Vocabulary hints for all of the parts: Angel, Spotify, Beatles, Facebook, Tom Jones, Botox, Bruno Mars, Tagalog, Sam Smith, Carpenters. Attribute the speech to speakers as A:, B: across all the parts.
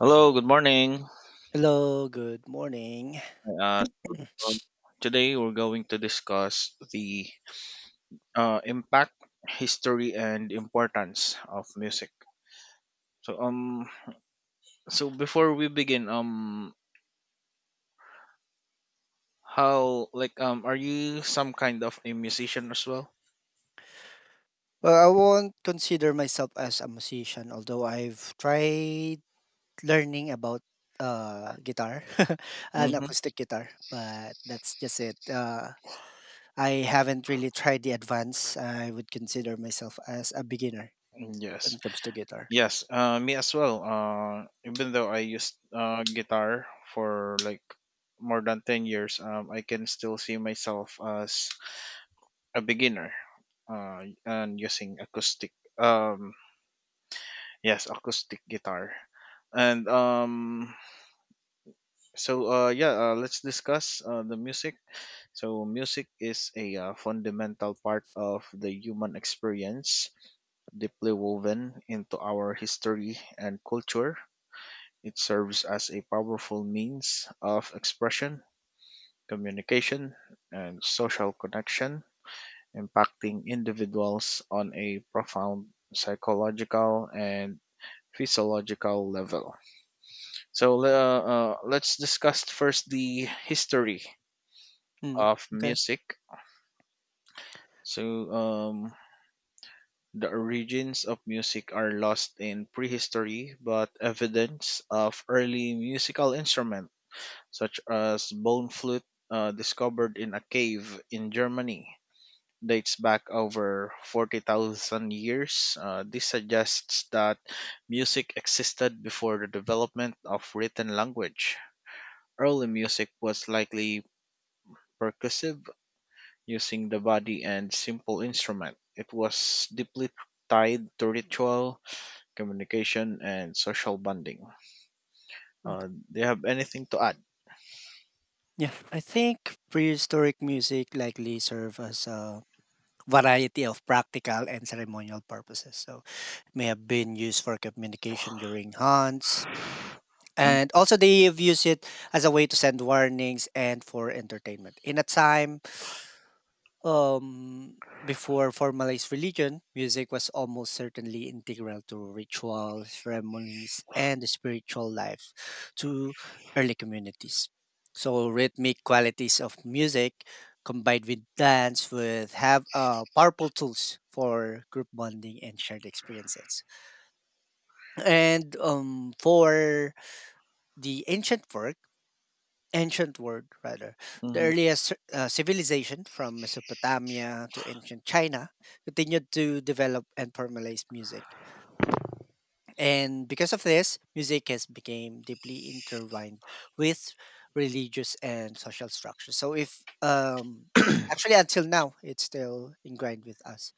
A: Hello, good morning.
B: Hello, good morning.
A: Uh, um, today we're going to discuss the impact, history, and importance of music. So um, so before we begin, how are you some kind of a musician as well?
B: Well, I won't consider myself as a musician, although I've tried learning about guitar, an
A: Mm-hmm.
B: acoustic guitar, but that's just it. I haven't really tried the advance. I would consider myself as a beginner when
A: Yes,
B: it comes to guitar.
A: yes. Me as well. Even though I used guitar for like more than 10 years, I can still see myself as a beginner and using um yes acoustic guitar. And so yeah Let's discuss the music. So music is a fundamental part of the human experience, deeply woven into our history and culture. It serves as a powerful means of expression, communication, and social connection, impacting individuals on a profound psychological and physiological level. Let's discuss first the history
B: Mm,
A: of
B: okay.
A: music. So um, the origins of music are lost in prehistory, but evidence of early musical instruments such as bone flute, discovered in a cave in Germany, dates back over 40,000 years. This suggests that music existed before the development of written language. Early music was likely percussive, using the body and simple instrument. It was deeply tied to ritual, communication, and social bonding.
B: Okay.
A: Do you have anything to add?
B: Yeah, I think prehistoric music likely serve as a variety of practical and ceremonial purposes. So may have been used for communication during hunts. And also, they have used it as a way to send warnings and for entertainment. In a time um, before formalized religion, music was almost certainly integral to rituals, ceremonies, and the spiritual life to early communities. So, rhythmic qualities of music combined with dance would have powerful tools for group bonding and shared experiences. And for the ancient work, ancient world rather, the
A: Mm-hmm.
B: earliest civilization from Mesopotamia to ancient China continued to develop and formalize music. And because of this, music has become deeply intertwined with religious and social structure. So if actually until now, it's still ingrained with us,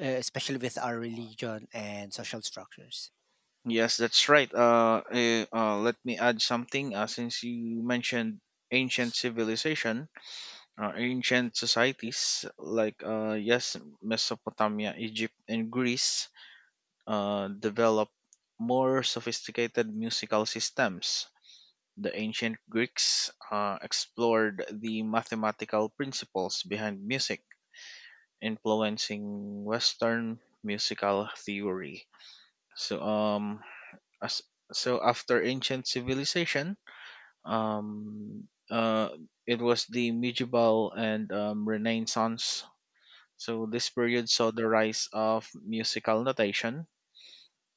B: especially with our religion and social structures.
A: Yes, that's right. Let me add something. Since you mentioned ancient civilization, ancient societies like Mesopotamia, Egypt, and Greece developed more sophisticated musical systems. The ancient Greeks explored the mathematical principles behind music, influencing Western musical theory. So, um, as, so after ancient civilization, um, uh, it was the medieval and Renaissance. So this period saw the rise of musical notation,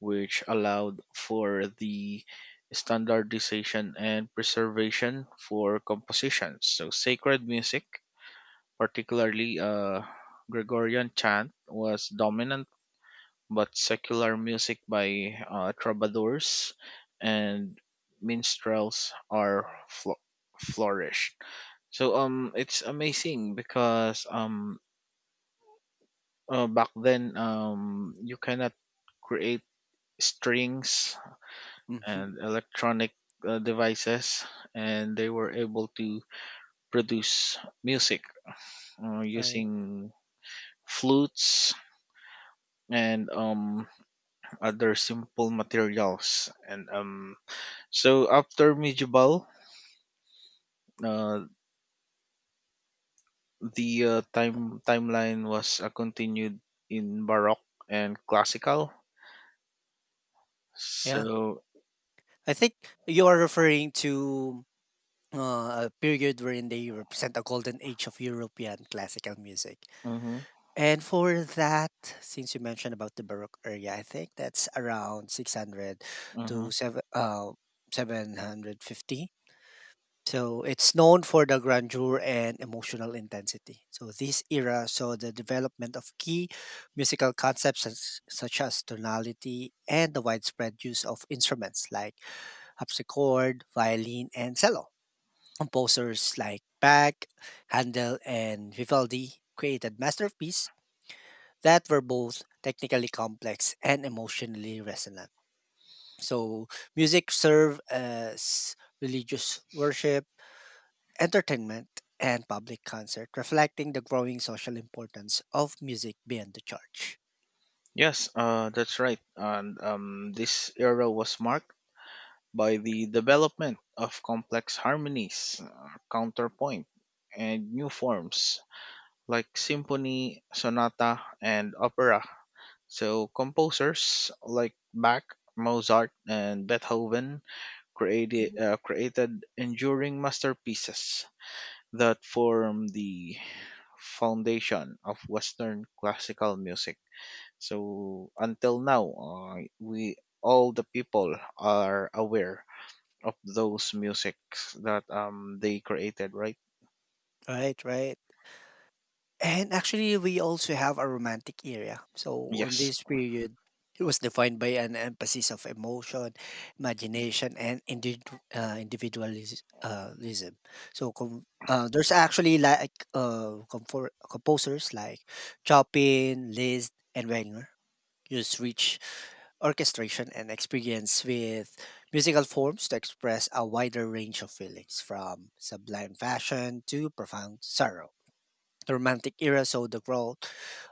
A: which allowed for the standardization and preservation for compositions. So sacred music, particularly Gregorian chant, was dominant, but secular music by troubadours and minstrels flourished. It's amazing because back then, you cannot create strings
B: Hmm.
A: and electronic devices, and they were able to produce music
B: Right.
A: using flutes and other simple materials. And so after medieval, uh, the timeline was continued in baroque and classical. So.
B: Yeah. I think you are referring to a period wherein they represent a golden age of European classical music.
A: Mhm,
B: And for that, since you mentioned about the Baroque area, I think that's around 600 to
A: mhm.
B: seven, 750. So it's known for the grandeur and emotional intensity. So this era saw the development of key musical concepts such as tonality and the widespread use of instruments like harpsichord, violin, and cello. Composers like Bach, Handel, and Vivaldi created masterpieces that were both technically complex and emotionally resonant. So music served as religious worship entertainment, and public concert, reflecting the growing social importance of music beyond the church.
A: Yes, that's right. And this era was marked by the development of complex harmonies, counterpoint, and new forms like symphony, sonata, and opera. So composers like Bach, Mozart, and Beethoven
B: Mhm.
A: created enduring masterpieces that form the foundation of Western classical music. So until now, we all the people are aware of those musics that they created, right?
B: Right, right. And actually, we also have a romantic area. So on
A: Yes,
B: this period, it was defined by an emphasis of emotion, imagination, and individu- individualism. Lism. There's actually like composers like Chopin, Liszt, and Wagner use rich orchestration and experience with musical forms to express a wider range of feelings, from sublime fashion to profound sorrow. The Romantic era saw the growth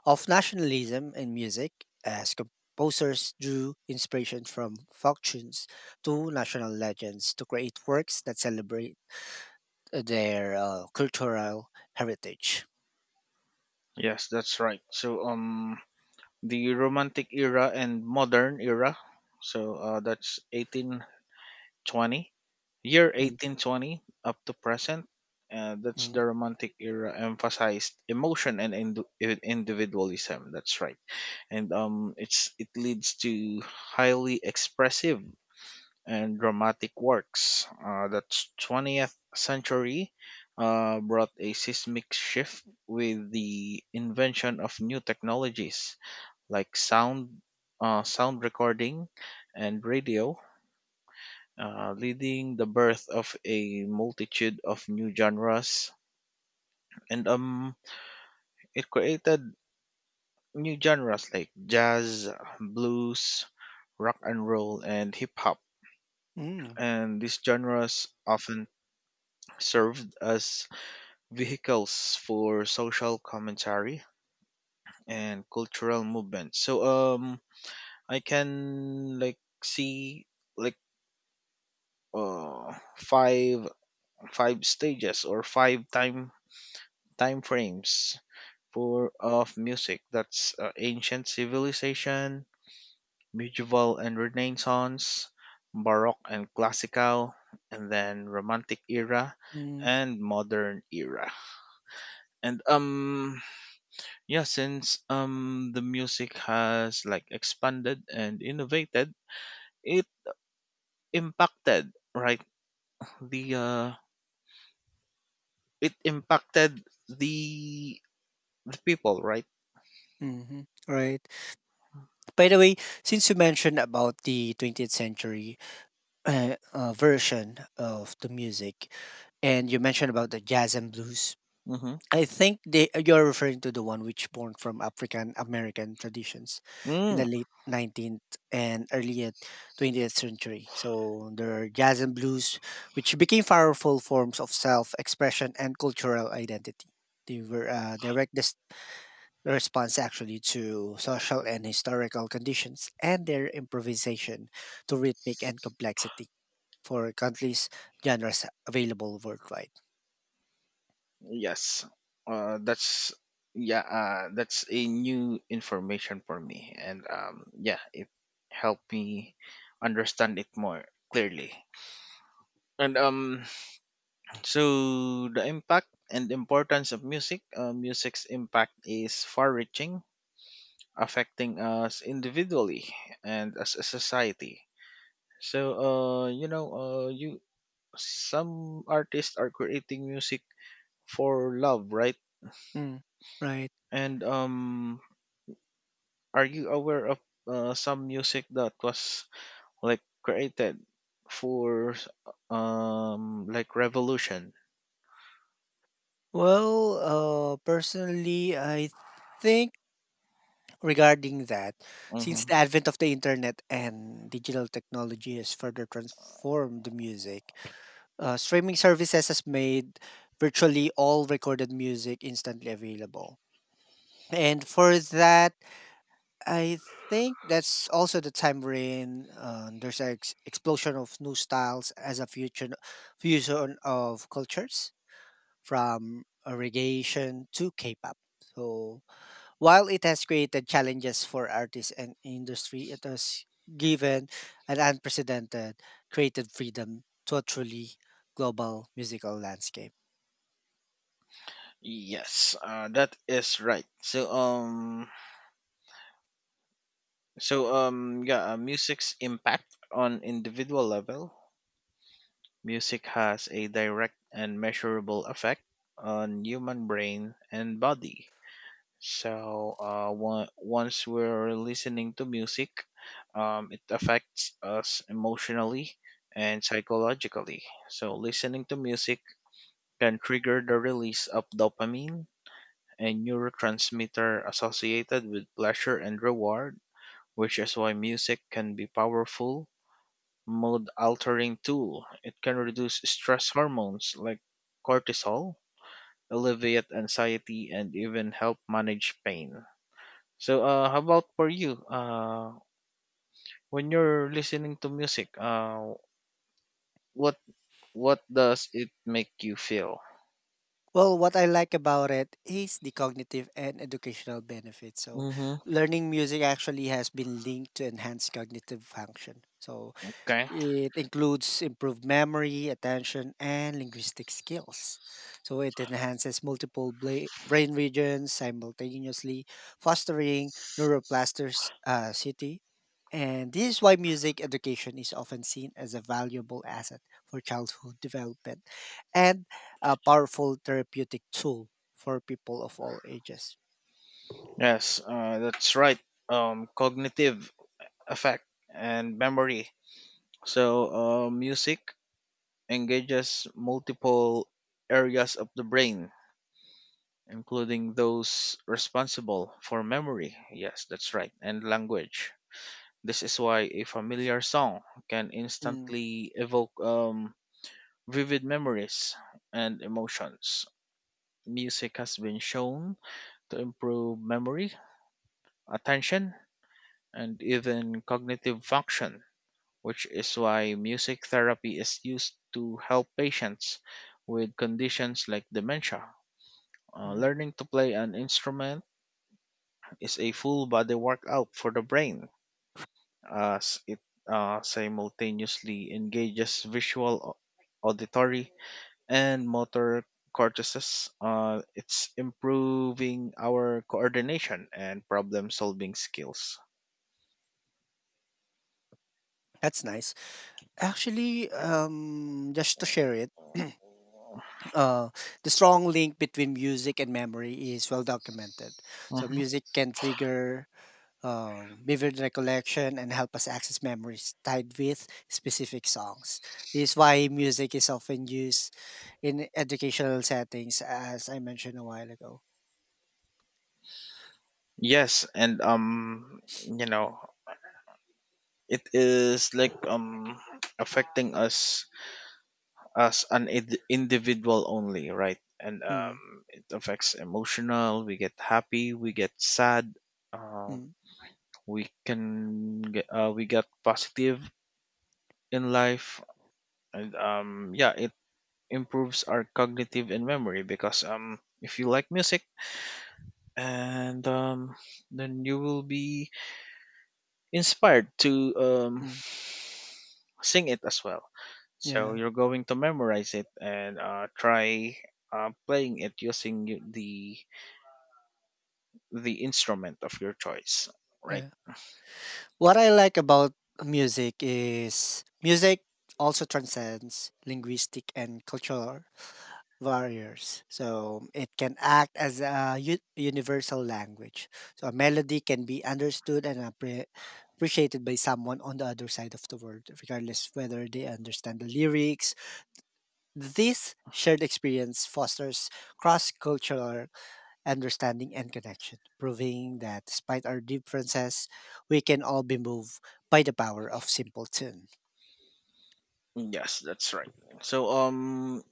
B: of nationalism in music as composers drew inspiration from folk tunes to national legends to create works that celebrate their cultural heritage.
A: yes, that's right. The Romantic era and modern era, that's twenty,
B: Mm,
A: 1820 to present. That's
B: mm,
A: the Romantic era emphasized emotion and individualism. That's right, and it leads to highly expressive and dramatic works. The 20th century brought a seismic shift with the invention of new technologies like sound recording, and radio, leading the birth of a multitude of new genres. And it created new genres like jazz, blues, rock and roll, and hip hop.
B: mm,
A: And these genres often served as vehicles for social commentary and cultural movement. So I can like see like five stages or five time frames for of music. That's ancient civilization, medieval and renaissance, baroque and classical, and then romantic era
B: mm,
A: and modern era. And yeah since the music has like expanded and innovated, it impacted right the uh it impacted the people, right?
B: mhm. Right. By the way, since you mentioned about the 20th century version of the music, and you mentioned about the jazz and blues,
A: Mm-hmm.
B: I think they, you're referring to the one which born from African American traditions in
A: mm,
B: the late 19th and early 20th century. So there are jazz and blues, which became powerful forms of self-expression and cultural identity. They were direct response actually to social and historical conditions and their improvisation to rhythmic and complexity for countless genres available worldwide.
A: yes uh that's yeah that's a new information for me, and it helped me understand it more clearly. And So the impact and importance of music, music's impact is far-reaching, affecting us individually and as a society. So you know, you some artists are creating music for love, right?
B: Mm, right.
A: And are you aware of some music that was like created for revolution?
B: Well, personally, I think regarding that, since
A: Hmm.
B: the advent of the internet and digital technology has further transformed the music, streaming services has made virtually all recorded music instantly available. And for that, I think that's also the time wherein there's an explosion of new styles as a future fusion of cultures from reggaeton to K-pop. So while it has created challenges for artists and industry, it has given an unprecedented creative freedom to a truly global musical landscape.
A: Yes, that is right. Music's impact on individual level. Music has a direct and measurable effect on human brain and body. So once we're listening to music, it affects us emotionally and psychologically. So listening to music can trigger the release of dopamine, a neurotransmitter associated with pleasure and reward, which is why music can be powerful mood altering tool. It can reduce stress hormones like cortisol, alleviate anxiety, and even help manage pain. How about for you? When you're listening to music, what what does it make you feel?
B: Well, what I like about it is the cognitive and educational benefits. So,
A: Mm-hmm.
B: learning music actually has been linked to enhanced cognitive function. So,
A: Okay.
B: it includes improved memory, attention, and linguistic skills. So it enhances multiple brain regions simultaneously, fostering neuroplasticity. And this is why music education is often seen as a valuable asset for childhood development and a powerful therapeutic tool for people of all ages.
A: Yes, that's right. Cognitive effect and memory. So, music engages multiple areas of the brain including those responsible for memory. Yes, that's right, and language. This is why a familiar song can
B: Mm,
A: instantly evoke vivid memories and emotions. Music has been shown to improve memory, attention, and even cognitive function, which is why music therapy is used to help patients with conditions like dementia.
B: mm.
A: Learning to play an instrument is a full body workout for the brain as it simultaneously engages visual, auditory, and motor cortices. It's improving our coordination and problem solving skills.
B: That's nice. Actually, just to share it. uh, the strong link between music and memory is well documented. So
A: Mhm.
B: music can trigger vivid recollection and help us access memories tied with specific songs. This is why music is often used in educational settings, as I mentioned a while ago.
A: Yes, and you know, it is like affecting us as an individual only, right? And
B: Mm,
A: it affects emotional. We get happy. We get sad. Um,
B: mm,
A: we can we get positive in life, and it improves our cognitive and memory because if you like music, and then you will be inspired to
B: mm.
A: sing it as well. So
B: Yeah,
A: you're going to memorize it and try playing it using the instrument of your choice, right?
B: yeah. What I like about music is music also transcends linguistic and cultural barriers. So it can act as a universal language. So a melody can be understood and appreciated by someone on the other side of the world, regardless whether they understand the lyrics. This shared experience fosters cross-cultural understanding, and connection, proving that despite our differences, we can all be moved by the power of simple tune.
A: Yes, that's right. So,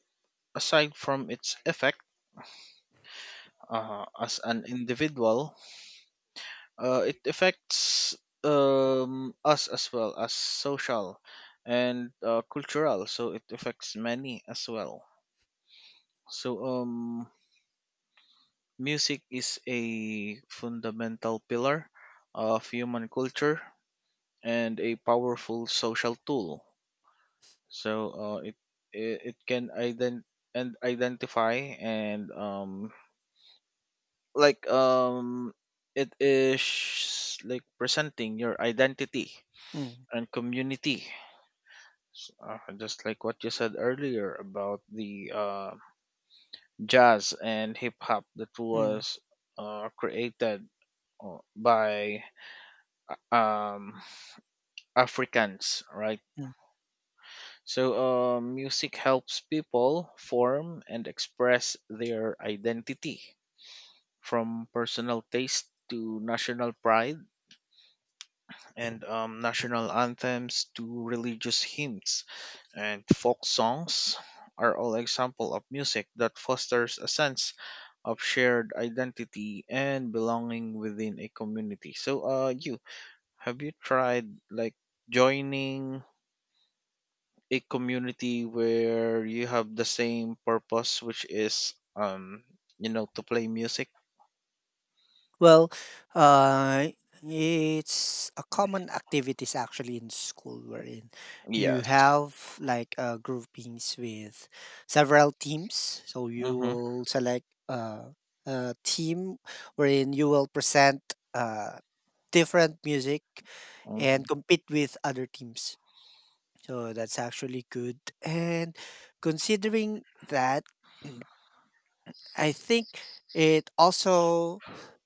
A: aside from its effect as an individual, it affects us as well as social and cultural. So it affects many as well. So, music is a fundamental pillar of human culture and a powerful social tool. So it can identify and like um it is like presenting your identity
B: Mm,
A: and community. Just like what you said earlier about the jazz and hip hop that
B: mm,
A: was created by um, Africans, right?
B: mm.
A: So music helps people form and express their identity, from personal taste to national pride, and national anthems to religious hymns and folk songs are all example of music that fosters a sense of shared identity and belonging within a community. So you, have you tried like joining a community where you have the same purpose, which is you know, to play music?
B: Well, uh, it's a common activities actually in school wherein you
A: Yes.
B: have like groupings with several teams. So you
A: Mm-hmm,
B: will select a team wherein you will present uh, different music
A: mm-hmm.
B: and compete with other teams. So that's actually good. And considering that I think it also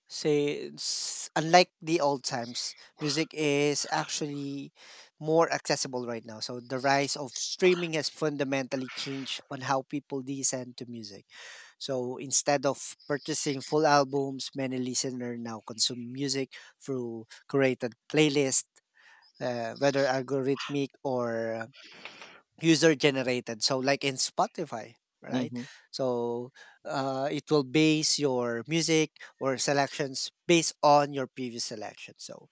B: unlike the old times, music is actually more accessible right now. So the rise of streaming has fundamentally changed on how people listen to music. So instead of purchasing full albums, many listeners now consume music through curated playlists, whether algorithmic or user generated, so like in Spotify, right?
A: Mm-hmm.
B: So it will base your music or selections based on your previous selection. So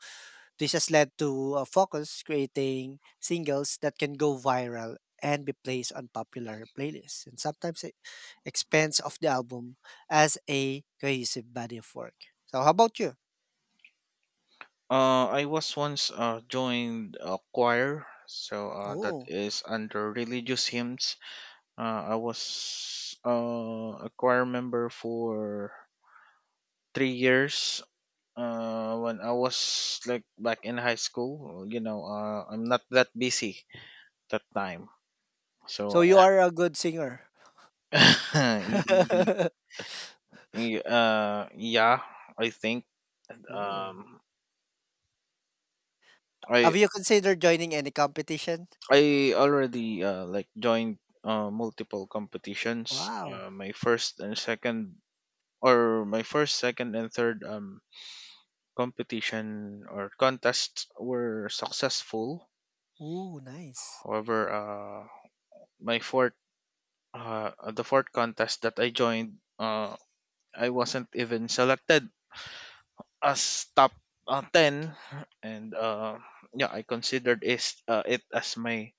B: this has led to a focus creating singles that can go viral and be placed on popular playlists, and sometimes it expands of the album as a cohesive body of work. So how about you?
A: I was once joined a choir, so that
B: Oh,
A: is under religious hymns. I was a choir member for 3 years. When I was like back in high school, you know, I'm not that busy that time.
B: so
A: So,
B: you are a good singer.
A: y- y- yeah, I think
B: Oh,
A: um, I
B: have you considered joining any competition?
A: I already like joined multiple competitions.
B: Wow.
A: My first, second, and third competition or contests were successful.
B: Ooh, nice.
A: However, my fourth, the fourth contest that I joined, I wasn't even selected as top ten, and yeah, I considered is it as my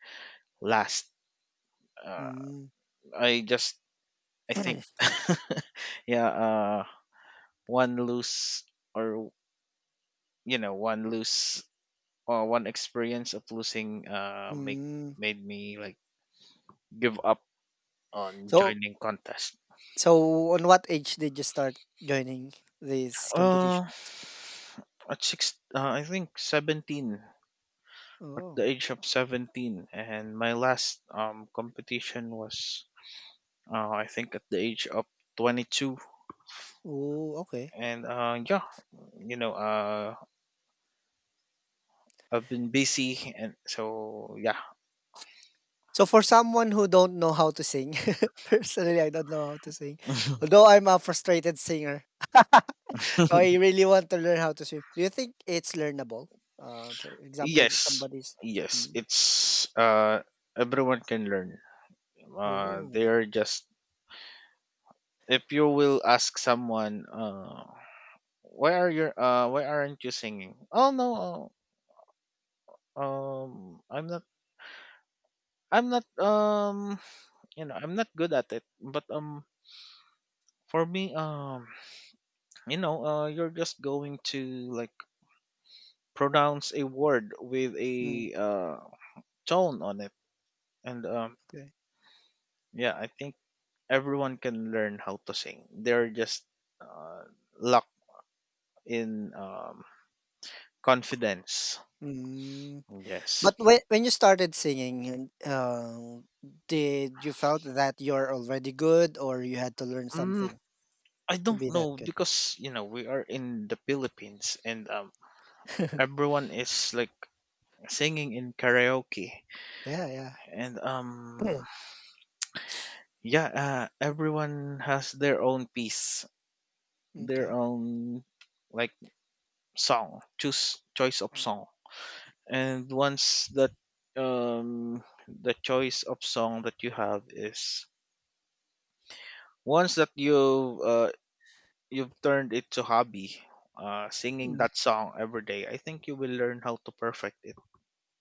A: last. Uh,
B: Mm.
A: I just I think yeah, uh one lose or one lose or one experience of losing make
B: Mm.
A: made me like give up on
B: So
A: joining contest.
B: so on what age did you start joining these
A: Uh
B: competitions?
A: at six I think 17, at the
B: Oh.
A: age of 17, and my last competition was I think at the age of 22.
B: Ooh, okay.
A: and uh yeah, you know, I've been busy, and so yeah.
B: So for someone who don't know how to sing, personally I don't know how to sing. Although I'm a frustrated singer. So I really want to learn how to sing. Do you think it's learnable? For example,
A: Yes,
B: somebody's.
A: yes,
B: Mm.
A: it's everyone can learn. They
B: Oh.
A: are just If you will ask someone, why aren't you singing? Oh no, uh, um, I'm not, I'm not, you know, I'm not good at it. But for me, you know, you're just going to like pronounce a word with
B: Mm,
A: a tone on it, and
B: okay.
A: yeah, I think everyone can learn how to sing. They're just uh, lack in confidence.
B: Mm.
A: Yes.
B: But when you started singing, did you felt that you're already good or you had to learn
A: Mm,
B: something
A: I
B: to
A: don't
B: be that
A: know
B: good?
A: because you know we are in the Philippines and everyone is like singing in karaoke
B: Yeah, yeah.
A: and yeah everyone has their own piece,
B: Mm,
A: their
B: okay.
A: own like song choose choice of song and once that the choice of song that you have is once that you've turned it to hobby, singing
B: Mm,
A: that song every day. I think you will learn how to perfect it.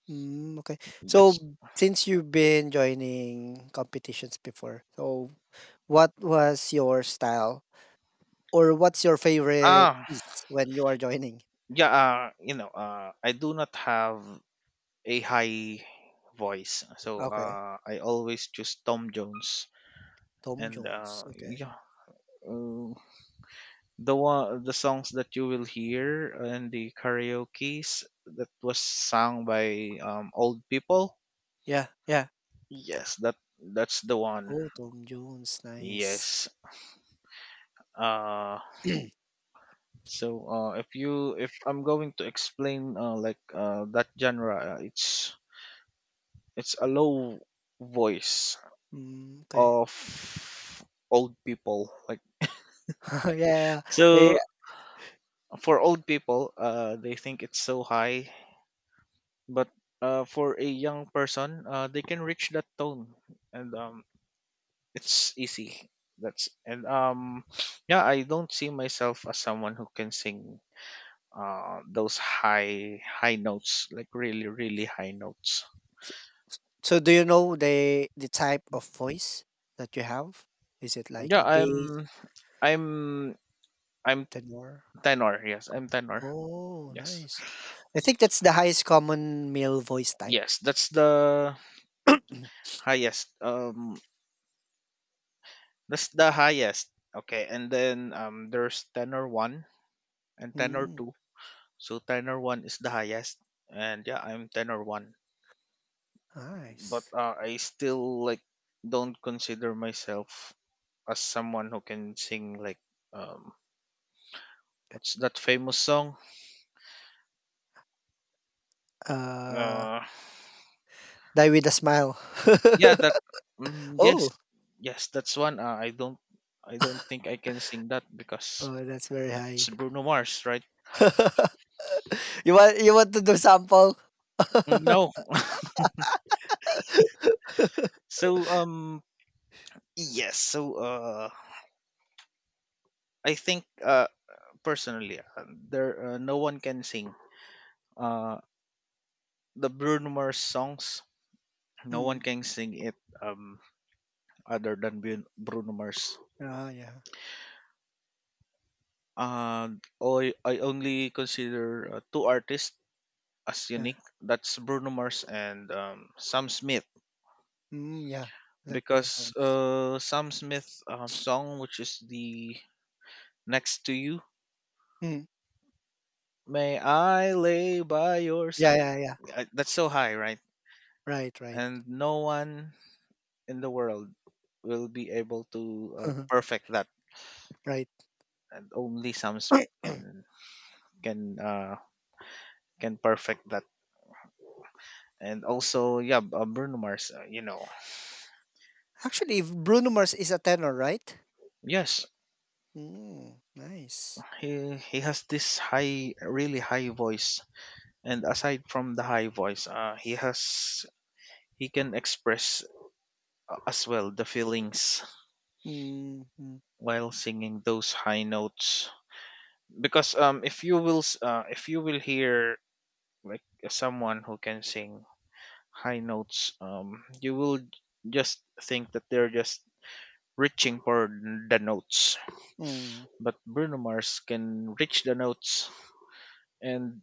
B: mm, okay. So
A: Yes.
B: since you've been joining competitions before, so what was your style or what's your favorite
A: Ah,
B: piece when you are joining?
A: yeah, I do not have a high voice, so
B: Okay.
A: I always choose Tom Jones.
B: Tom
A: And
B: Jones. Okay.
A: yeah, uh, the songs that you will hear in the karaoke's that was sung by old people.
B: Yeah, yeah.
A: Yes, that's the one.
B: Oh, Tom Jones. Nice.
A: Yes. Uh so uh if you if I'm going to explain like that genre, it's a low voice
B: Mm, okay.
A: of old people like.
B: Yeah. Yeah.
A: So for old people, they think it's so high, but for a young person, they can reach that tone, and it's easy. That's and Yeah, I don't see myself as someone who can sing those high high notes, like really really high notes.
B: So do you know the type of voice that you have? Is it like
A: Yeah,
B: a bass,
A: i'm I'm
B: tenor?
A: tenor. Yes, I'm tenor.
B: Oh,
A: Yes.
B: nice. I think that's the highest common male voice type.
A: Yes, that's the highest, that's the highest. Okay, and then there's tenor one and tenor
B: Mm,
A: two. So tenor one is the highest, and yeah, I'm tenor one. But
B: nice.
A: I still like don't consider myself as someone who can sing like um what's that famous song?
B: Uh,
A: Uh,
B: Die with a smile.
A: yeah, that, mm,
B: Oh,
A: yes, yes, that's one. I don't think I can sing that because
B: oh, that's very
A: it's
B: high.
A: Bruno Mars, right?
B: You want to do sample?
A: Mm. No. so um yes, so I think personally, there, no one can sing Uh the Bruno Mars songs. No one
B: Mm.
A: can sing it, um other than Bruno Mars.
B: Ah, yeah.
A: And I only consider two artists as
B: Yeah.
A: unique. That's Bruno Mars and Sam Smith,
B: Mm, yeah, like their
A: because
B: songs.
A: Sam Smith song, which is the Next to You,
B: Mm.
A: may I lay by your
B: Yeah,
A: side.
B: yeah, yeah.
A: That's so high, right?
B: Right, right.
A: And no one in the world will be able to perfect that,
B: Right.
A: and only Sam Smith can can uh can perfect that. And also, yeah, Bruno Mars,
B: Actually, Bruno Mars is a tenor, right?
A: yes,
B: Mm, nice.
A: he has this high, really high voice. And aside from the high voice, he has he can express, as well, the feelings
B: Mm, mm,
A: while singing those high notes. Because if if you will hear like someone who can sing high notes, you will just think that they're just reaching for the notes,
B: mm,
A: but Bruno Mars can reach the notes and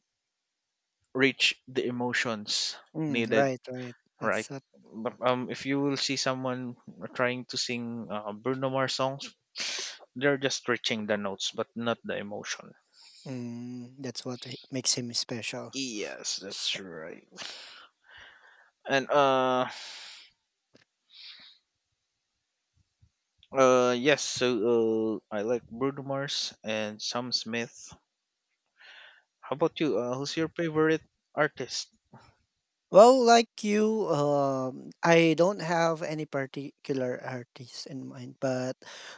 A: reach the emotions
B: mm,
A: needed,
B: right, right.
A: right?
B: That's what
A: But if you will see someone trying to sing, Bruno Mars songs, they're just reaching the notes, but not the emotion.
B: Mm, that's what makes him special.
A: Yes, that's right. And yes. So I like Bruno Mars and Sam Smith. How about you? Who's your favorite artist?
B: Well, like you, I don't have any particular artist in mind, but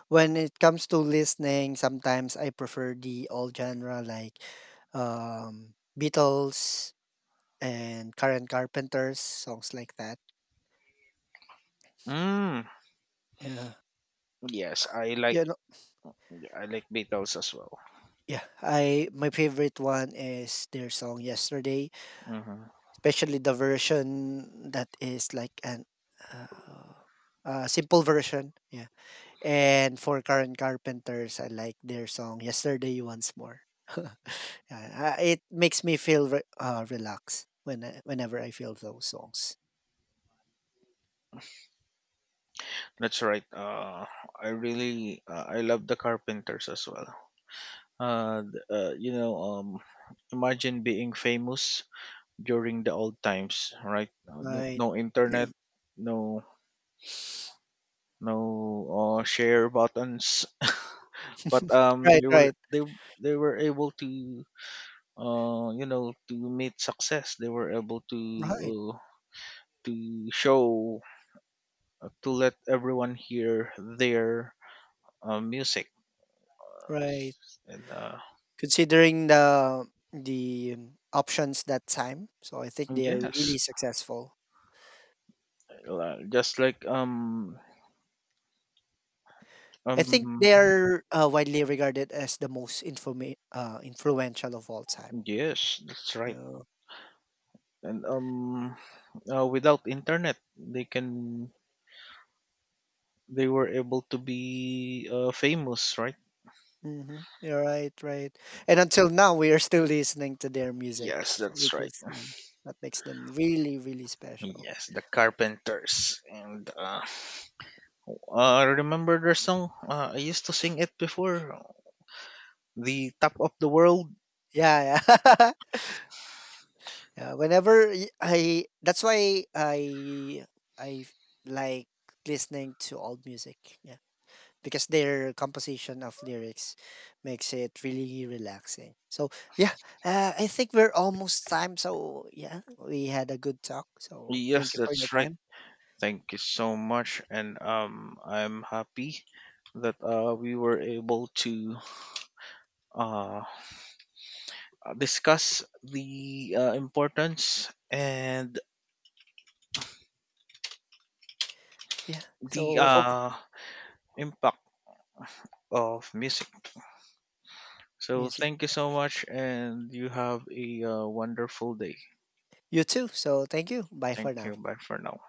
B: when it comes to listening, sometimes I prefer the all genre like um, Beatles, and Karen Carpenter's songs like that.
A: Mm,
B: Yeah.
A: yes, I like,
B: You know,
A: I like Beatles as well.
B: yeah, I my favorite one is their song Yesterday,
A: Mhm.
B: especially the version that is like an uh, simple version. Yeah. And for Karen Carpenter's, I like their song Yesterday once more. Yeah, it makes me feel relaxed when I, whenever I feel those songs.
A: That's right. Uh, I love the Carpenters as well. You know, imagine being famous during the old times, right? No,
B: Right.
A: no internet, no, no share buttons. But
B: Right, right.
A: they were able to, to meet success. They were able
B: Right.
A: uh, to show, to let everyone hear their music.
B: Right.
A: And
B: Considering the the options that time, so I think they are
A: yes,
B: really successful.
A: just like
B: I think
A: um
B: they are widely regarded as the most influential of all time.
A: yes, that's right.
B: So,
A: And without internet, they were able to be, famous, right?
B: hmm. You're right, right. And until now, we are still listening to their music,
A: Yes,
B: so
A: that's
B: which
A: right.
B: is yeah, that makes them really, really special.
A: Yes, the Carpenters. And remember their song? I used to sing it before. The Top of the World.
B: Yeah, yeah. Yeah, whenever that's why I like listening to old music. Because their composition of lyrics makes it really relaxing. So yeah, I think we're almost time. So yeah, we had a good talk. So
A: Yes,
B: thank you for your
A: that's right.
B: time.
A: Thank you so much, and I'm happy that we were able to uh, discuss the importance and
B: Yeah.
A: the
B: So hope
A: impact of music. So
B: music.
A: thank you so much, and you have a wonderful day.
B: You too. So thank you. Bye
A: Thank
B: for now.
A: you. Bye for now.